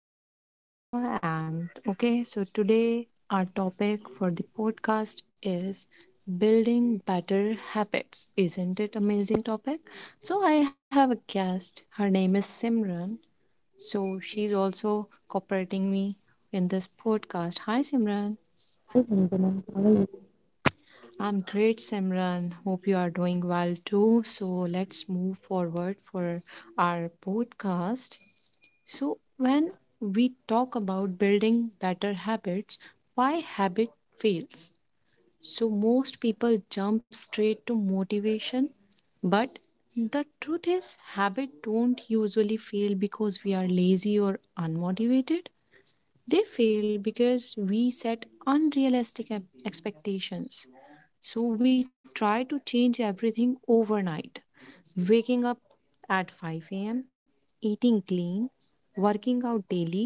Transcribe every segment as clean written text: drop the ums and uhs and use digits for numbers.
My name is Vandana and so today our topic for the podcast is building better habits. Isn't it amazing topic? So I have a guest. Her name is Simran. So she's also cooperating me in this podcast. Hi Simran. I'm great Simran. Hope you are doing well too. So let's move forward for our podcast. So, when we talk about building better habits, why habit fails? So, most people jump straight to motivation, but the truth is, habit don't usually fail because we are lazy or unmotivated. They fail because we set unrealistic expectations. So, we try to change everything overnight waking up at 5 a.m., eating clean, working out daily,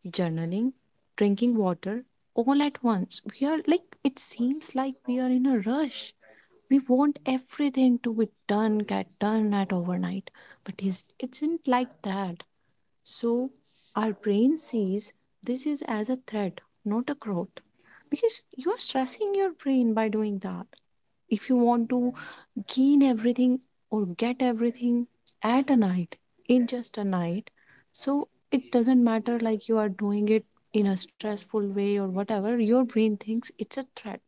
journaling, drinking water all at once. We are like, it seems like we are in a rush. We want everything to be done, get done at overnight. But it isn't like that. So our brain sees this is as a threat, not a growth. Because you are stressing your brain by doing that. If you want to keen everything or get everything at a night in just a night, so it doesn't matter like you are doing it in a stressful way or whatever, your brain thinks it's a threat.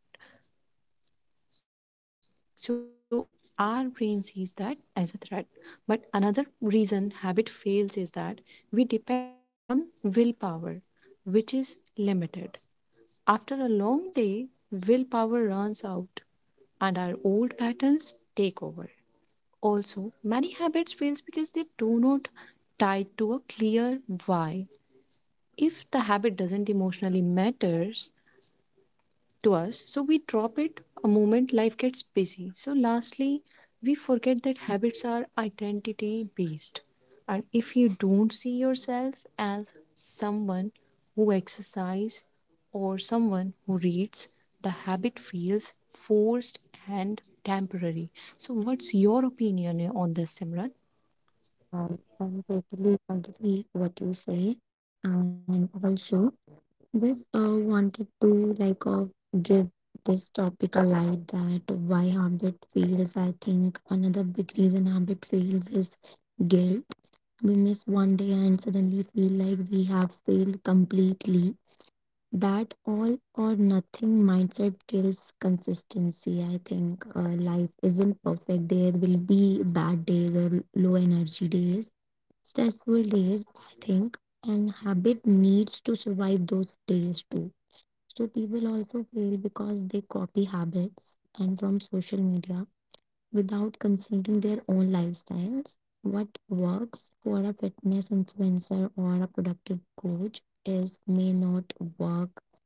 So our brain sees that as a threat, but another reason habit fails is that we depend on willpower, which is limited. After a long day willpower runs out and our old patterns take over. Also, many habits fail because they do not tie to a clear why. If the habit doesn't emotionally matter to us, so we drop it a moment life gets busy. So, lastly, we forget that habits are identity based. And if you don't see yourself as someone who exercises or someone who reads, the habit feels forced and temporary. So, what's your opinion on this, Simran? Yeah, I totally agree what you say, and also this wanted to give this topic a light that why habit fails. I think another big reason habit fails is guilt. We miss one day and suddenly feel like we have failed completely. That all or nothing mindset kills consistency. I think life isn't perfect. There will be bad days or low energy days stressful days, I think, and habit needs to survive those days too. So people also fail because they copy habits and from social media without considering their own lifestyles. What works for a fitness influencer or a productive coach is may not work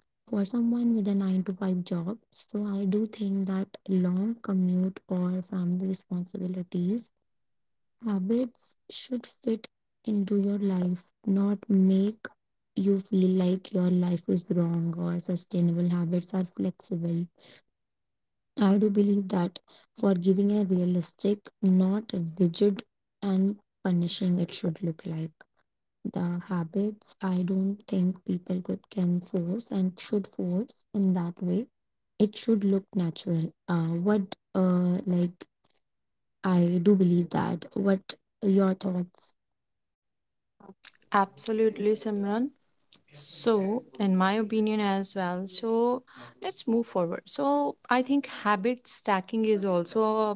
for someone with a 9 to 5 job. So I do think that long commute or family responsibilities habits should fit into your life, not make you feel like your life is wrong or sustainable habits are flexible. I do believe that for giving a realistic, not rigid and punishing it should look like. The habits I don't think people could can force and should force in that way. It should look natural. What like I do believe that. What your thoughts? Absolutely, Simran. So, in my opinion as well, so let's move forward. So, I think habit stacking is also a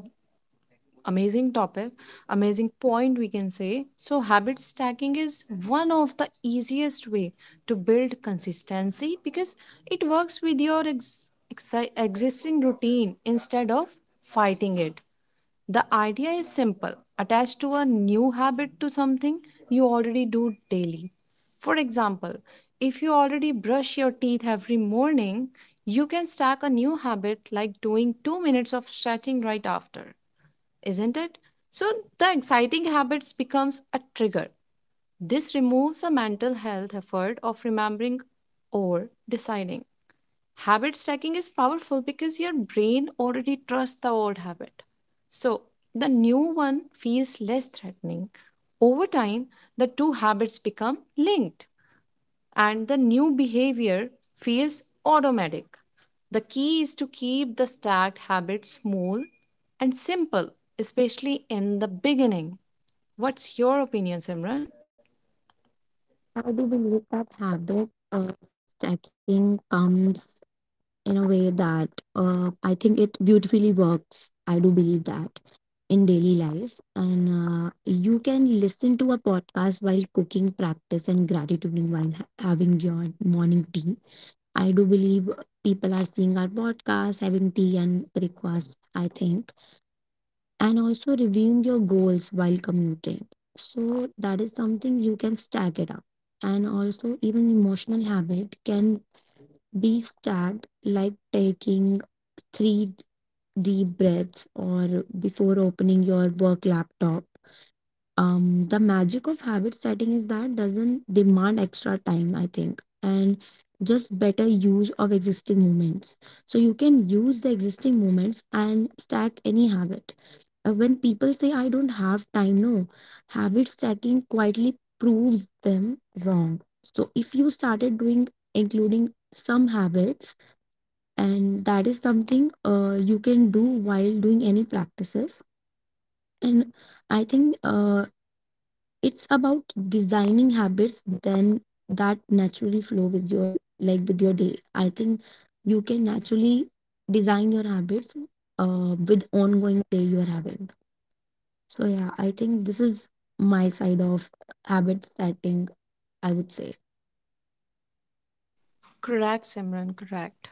amazing topic, amazing point we can say. So, habit stacking is one of the easiest way to build consistency because it works with your existing routine instead of fighting it. The idea is simple: attach to a new habit to something you already do daily. For example, if you already brush your teeth every morning, you can stack a new habit like doing 2 minutes of stretching right after, isn't it? So the exciting habits becomes a trigger. This removes a mental health effort of remembering or deciding. Habit stacking is powerful because your brain already trusts the old habit. So the new one feels less threatening. Over time, the two habits become linked and the new behavior feels automatic. The key is to keep the stacked habit small and simple, especially in the beginning. What's your opinion, Simran? I do believe that habit stacking comes in a way that I think it beautifully works. I do believe that in daily life. And you can listen to a podcast while cooking, practice, and gratituding while having your morning tea. I do believe people are seeing our podcast, having tea and breakfast, I think, and also reviewing your goals while commuting. So that is something you can stack it up. And also even emotional habit can be stacked like taking three deep breaths or before opening your work laptop. The magic of habit setting is that doesn't demand extra time, I think, and just better use of existing moments. So you can use the existing moments and stack any habit. When people say, I don't have time, no, habit stacking quietly proves them wrong. So if you started doing, including some habits, and that is something you can do while doing any practices. And I think it's about designing habits then that naturally flow with your day. I think you can naturally design your habits with ongoing day you are having. So yeah, I think this is my side of habit setting, I would say. Correct, Simran, correct.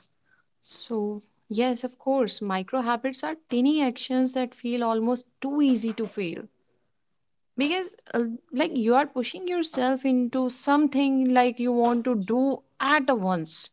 So, yes, of course, micro habits are tiny actions that feel almost too easy to fail because like you are pushing yourself into something like you want to do at once.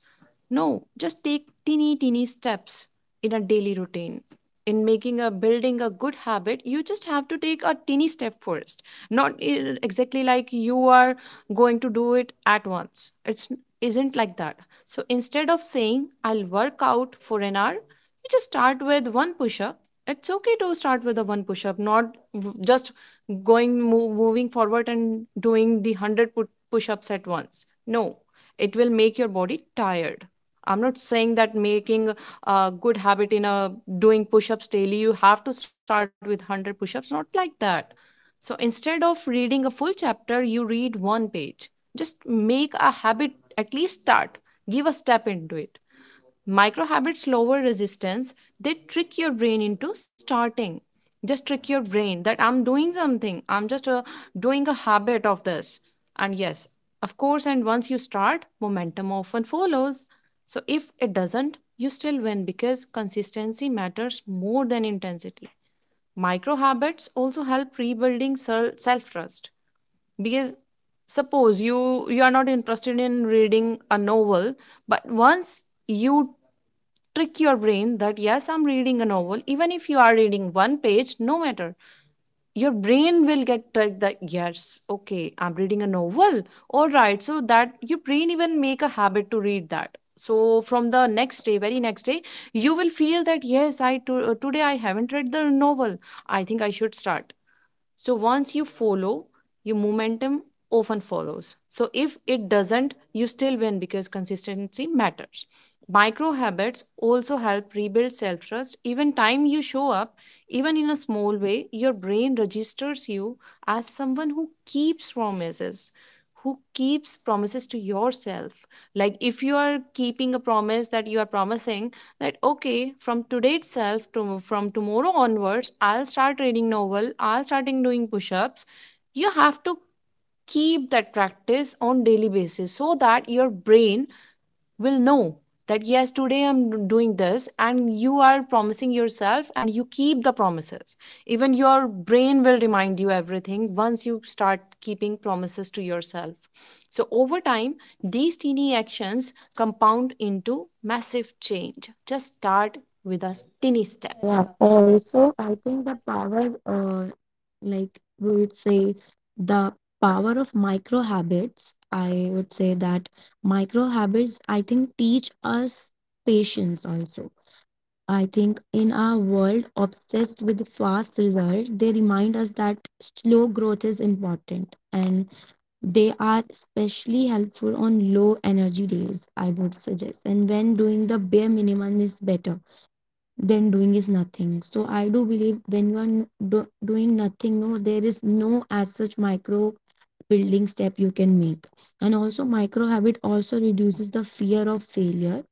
No, just take teeny steps in a daily routine. In making a building a good habit you just have to take a teeny step first, not exactly like you are going to do it at once. It's isn't like that. So instead of saying I'll work out for an hour, you just start with one push up. It's okay to start with a one push up, not just going move moving forward and doing the 100 push-ups at once. No, it will make your body tired. I'm not saying that making a good habit in a doing push-ups daily you have to start with 100 push-ups, not like that. So instead of reading a full chapter you read one page. Just make a habit, at least start, give a step into it. Micro habits lower resistance. They trick your brain into starting. Just trick your brain that I'm doing something. I'm just doing a habit of this. And yes, of course, and once you start, momentum often follows. So if it doesn't, you still win because consistency matters more than intensity. Micro habits also help rebuilding self trust, because suppose you are not interested in reading a novel, but once you trick your brain that yes, I'm reading a novel, even if you are reading one page, no matter. Your brain will get tricked that yes, okay, I'm reading a novel. All right, so that your brain even make a habit to read that. So from the next day, very next day, you will feel that yes, today I haven't read the novel. I think I should start. So once you follow, your momentum often follows. So if it doesn't, you still win because consistency matters. Micro habits also help rebuild self trust. Even time you show up, even in a small way, your brain registers you as someone who keeps promises to yourself. Like if you are keeping a promise that you are promising, that okay, from today itself to from tomorrow onwards I'll start reading novel, I'll starting doing push-ups, you have to keep that practice on daily basis, so that your brain will know that yes, today I'm doing this, and you are promising yourself and you keep the promises. Even your brain will remind you everything once you start keeping promises to yourself. So over time these teeny actions compound into massive change. Just start with a teeny step. Yeah, also, I think like we would say, the power of micro habits. I would say that micro habits, I think, teach us patience also. I think in our world obsessed with fast result, they remind us that slow growth is important and they are especially helpful on low energy days, I would suggest. And when doing the bare minimum is better then doing is nothing. So I do believe when you are doing nothing, no, there is no as such micro building step you can make. And also micro habit also reduces the fear of failure.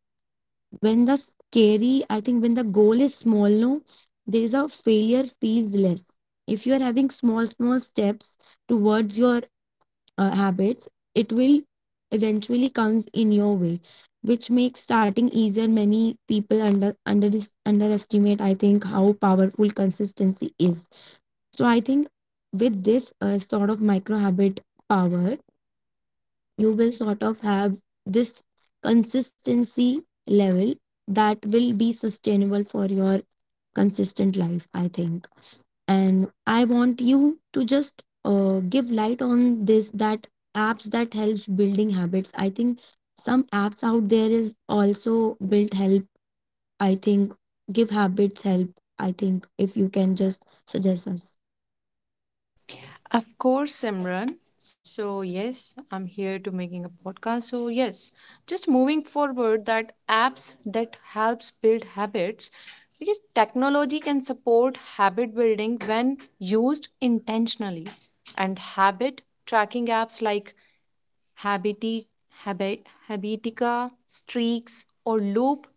When the scary, I think when the goal is small, no, there is a failure feels less. If you are having small, small steps towards your habits, it will eventually comes in your way, which makes starting easier. Many people underestimate, I think, how powerful consistency is. So I think with this sort of micro habit power, you will sort of have this consistency level that will be sustainable for your consistent life. I think, and I want you to just give light on this that apps that helps building habits, I think some apps out there is also built help, I think, give habits help. I think if you can just suggest us. Of course, Simran. So yes, I'm here to making a podcast. So yes, just moving forward that apps that helps build habits, because technology can support habit building when used intentionally. And habit tracking apps like habiti- habi- habitica, streaks, or loop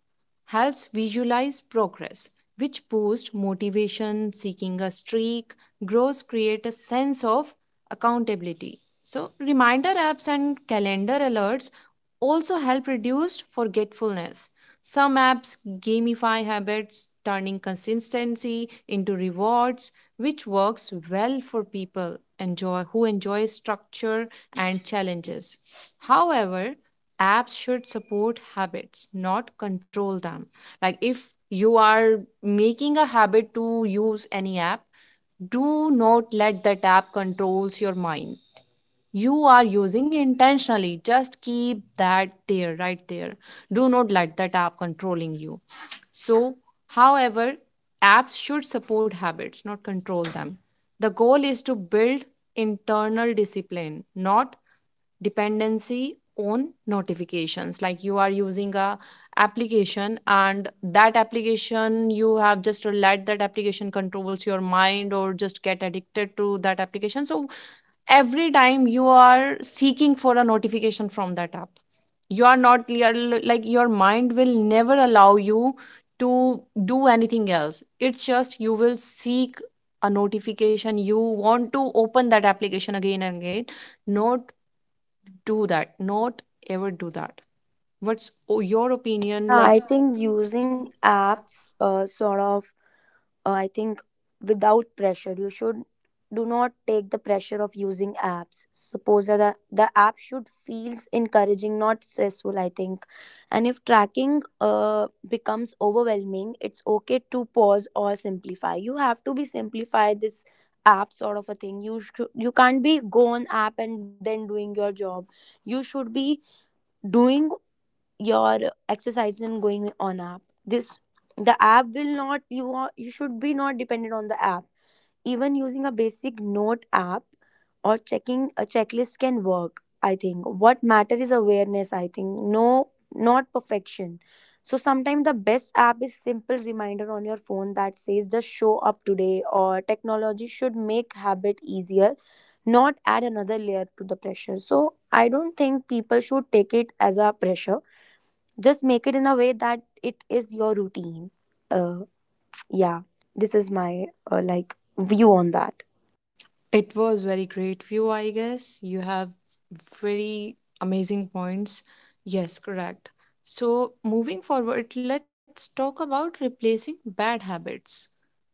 helps visualize progress, which boosts motivation. Seeking a streak grows create a sense of accountability. So, reminder apps and calendar alerts also help reduce forgetfulness. Some apps gamify habits, turning consistency into rewards, which works well for people enjoy who enjoy structure and challenges. However, apps should support habits, not control them. Like if you are making a habit to use any app, do not let that app controls your mind. You are using intentionally. Just keep that there, right there. Do not let that app controlling you. So, however, apps should support habits, not control them. The goal is to build internal discipline, not dependency on notifications. Like you are using a application and that application you have just let that application controls your mind or just get addicted to that application, so every time you are seeking for a notification from that app, you are not you like your mind will never allow you to do anything else. It's just you will seek a notification, you want to open that application again and again. Not do that, not ever do that. What's your opinion, Like, like? yeah, I think using apps sort of I think without pressure. You should do not take the pressure of using apps. Suppose that the app should feels encouraging, not stressful. I think, and if tracking becomes overwhelming, it's okay to pause or simplify. You have to be simplify this app sort of a thing. You should you can't be go on app and then doing your job. You should be doing your exercise and going on app. This the app will not, you are, you should be not dependent on the app. Even using a basic note app or checking a checklist can work. I think what matter is awareness, I think, no, not perfection. So sometimes the best app is simple reminder on your phone that says just show up today or technology should make habit easier, not add another layer to the pressure. So I don't think people should take it as a pressure, just make it in a way that it is your routine. uh yeah, this is my uh, like view on that. It was very great view, I guess. You have very amazing points. Yes, correct. So, moving forward, let's talk about replacing bad habits,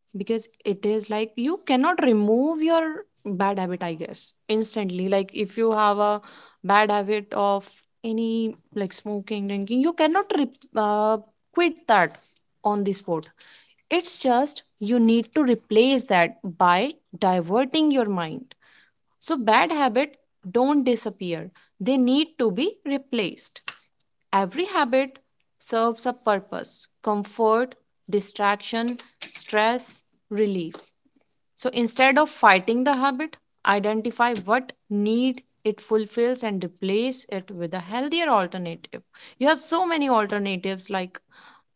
because it is like you cannot remove your bad habit, I guess, instantly. Like, if you have a bad habit of any like smoking, drinking, you cannot quit that on the spot. It's just you need to replace that by diverting your mind. So bad habit don't disappear. They need to be replaced. Every habit serves a purpose: comfort, distraction, stress, relief. So instead of fighting the habit, identify what need it fulfills and replace it with a healthier alternative. You have so many alternatives. Like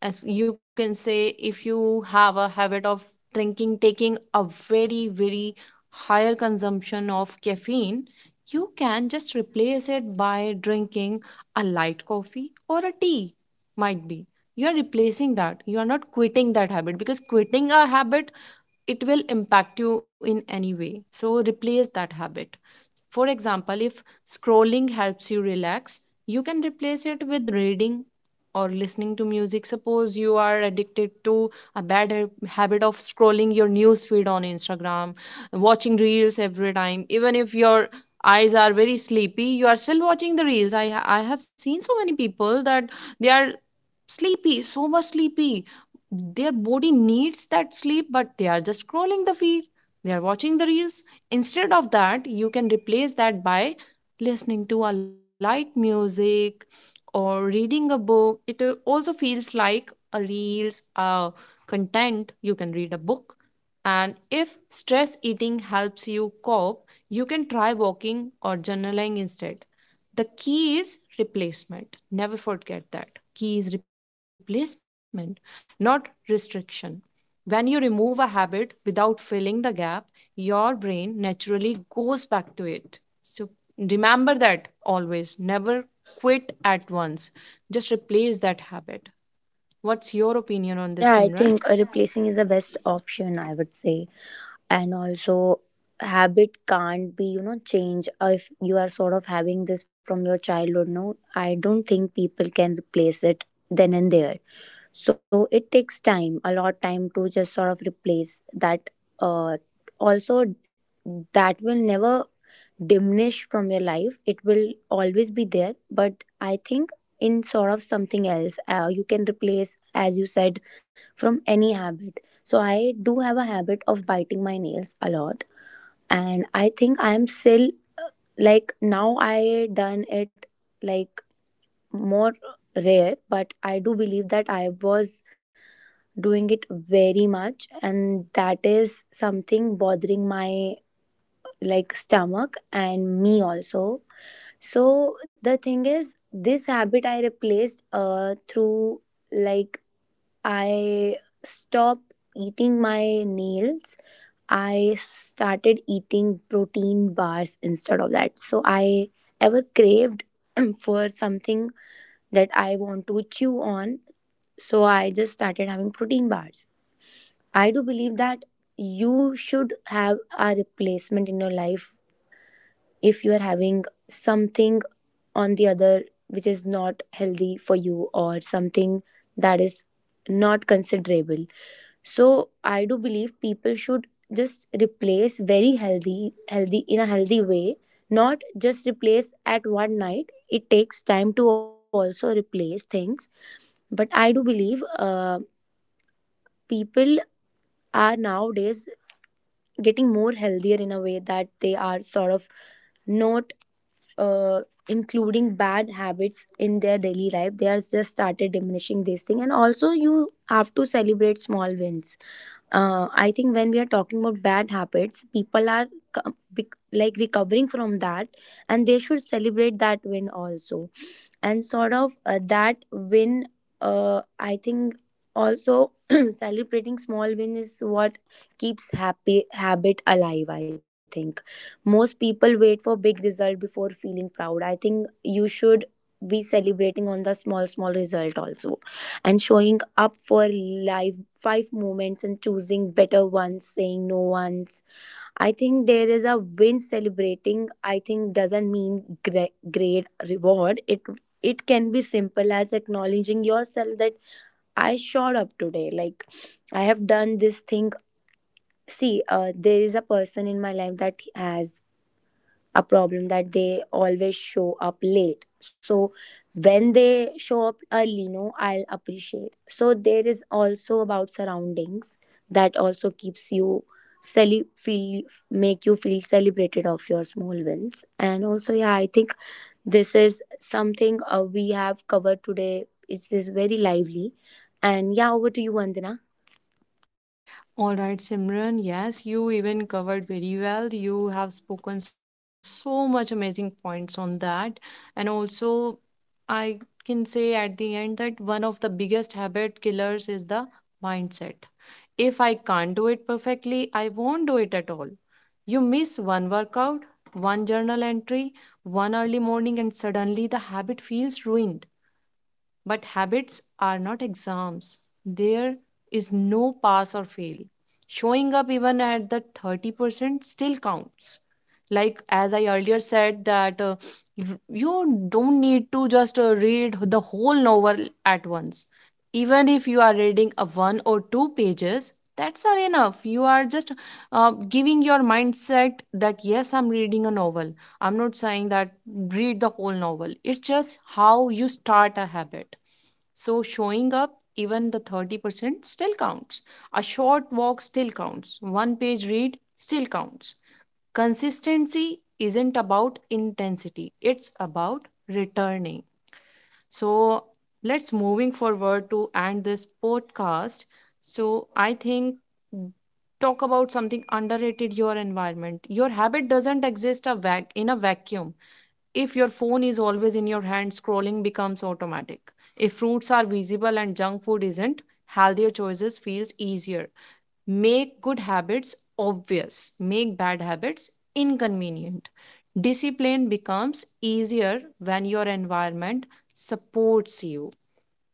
as you can say, if you have a habit of drinking taking a very higher consumption of caffeine, you can just replace it by drinking a light coffee or a tea might be. You are replacing that, you are not quitting that habit, because quitting a habit, it will impact you in any way. So replace that habit. For example, if scrolling helps you relax, you can replace it with reading or listening to music. Suppose you are addicted to a bad habit of scrolling your news feed on Instagram, watching reels every time. Even if your eyes are very sleepy you are still watching the reels. I have seen so many people that they are sleepy, so much sleepy. Their body needs that sleep, but they are just scrolling the feed. They are watching the reels. Instead of that, you can replace that by listening to a light music or reading a book. It also feels like a reels, a content. You can read a book. And if stress eating helps you cope, you can try walking or journaling instead. The key is replacement. Never forget that key is replacement, not restriction. When you remove a habit without filling the gap, your brain naturally goes back to it. So remember that always. Never quit at once. Just replace that habit. What's your opinion on this, Yeah, Simran? I think replacing is the best option, I would say. And also, habit can't be, you know, change. If you are sort of having this from your childhood, no, I don't think people can replace it then and there. So it takes time, a lot time to just sort of replace that. Uh, also, that will never diminish from your life. It will always be there, but I think in sort of something else you can replace, as you said, from any habit. So I do have a habit of biting my nails a lot, and I think I am still like now I done it, like more rare, but I do believe that I was doing it very much, and that is something bothering my like stomach and me also. So the thing is this habit I replaced through like I stopped eating my nails. I started eating protein bars instead of that, so I ever craved for something that I want to chew on, so I just started having protein bars. I do believe that you should have a replacement in your life if you are having something on the other which is not healthy for you or something that is not considerable. So I do believe people should just replace very healthy, healthy in a healthy way, not just replace at one night. It takes time to also replace things, but I do believe people are nowadays getting more healthier in a way that they are sort of not uh, including bad habits in their daily life. They are just started diminishing this thing, and also you have to celebrate small wins. I think when we are talking about bad habits, people are like recovering from that, and they should celebrate that win also. And sort of that win, I think also celebrating small win is what keeps happy habit alive. I think most people wait for big result before feeling proud. I think you should be celebrating on the small small result also, and showing up for life five moments and choosing better ones saying no ones. I think there is a win celebrating, I think, doesn't mean great reward. It can be simple as acknowledging yourself that I showed up today, like I have done this thing. See, there is a person in my life that has a problem that they always show up late, so when they show up early, no, I'll appreciate. So there is also about surroundings that also keeps you cele- feel make you feel celebrated of your small wins. And also, yeah, I think this is something we have covered today. It is very lively, and yeah, over to you, Vandana. All right, Simran. Yes, you even covered very well. You have spoken so much amazing points on that. And also, I can say at the end that one of the biggest habit killers is the mindset. If I can't do it perfectly, I won't do it at all. You miss one workout, one journal entry, one early morning, and suddenly the habit feels ruined. But habits are not exams. There is no pass or fail. Showing up even at the 30% still counts. Like as I earlier said that you don't need to just read the whole novel at once. Even if you are reading a one or two pages, that's are enough. You are just giving your mindset that yes, I'm reading a novel. I'm not saying that read the whole novel. It's just how you start a habit. So showing up, even the 30% still counts. A short walk still counts. One page read still counts. Consistency isn't about intensity, it's about returning. So let's moving forward to end this podcast. So I think talk about something underrated: your environment. Your habit doesn't exist a in a vacuum. If your phone is always in your hand, scrolling becomes automatic. If fruits are visible and junk food isn't, healthier choices feels easier. Make good habits obvious. Make bad habits inconvenient. Discipline becomes easier when your environment supports you.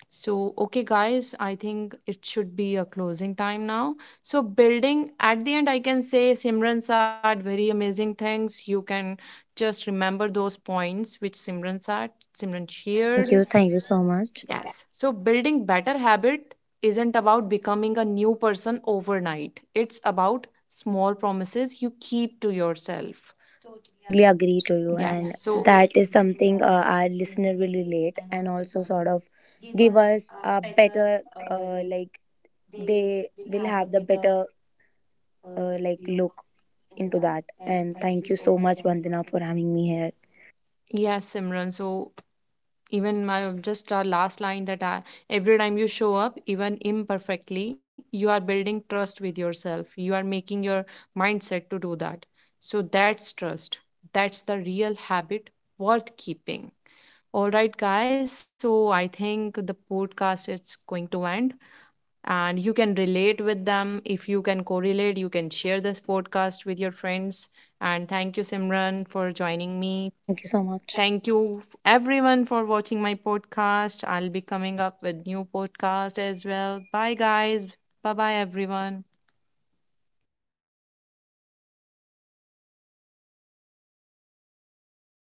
So, okay, guys, I think it should be a closing time now. So, building at the end, I can say Simran said very amazing things. You can just remember those points which Simran said, Simran shared. Thank you, thank you so much. Yes. So building better habit isn't about becoming a new person overnight. It's about small promises you keep to yourself. Totally agree to you, Yes. and yes, So that is something our listener will relate and also sort of give us a better, uh, like they will have the better, look into that. And thank you so much, Vandana, for having me here. yes, Simran. So even my just our last line that I, every time you show up, even imperfectly, you are building trust with yourself. You are making your mindset to do that. So that's trust. That's the real habit worth keeping. All right, guys. So I think the podcast is going to end, and you can relate with them. If you can correlate, you can share this podcast with your friends. And thank you, Simran, for joining me. Thank you so much. Thank you everyone for watching my podcast. I'll be coming up with new podcast as well. Bye guys. Bye everyone.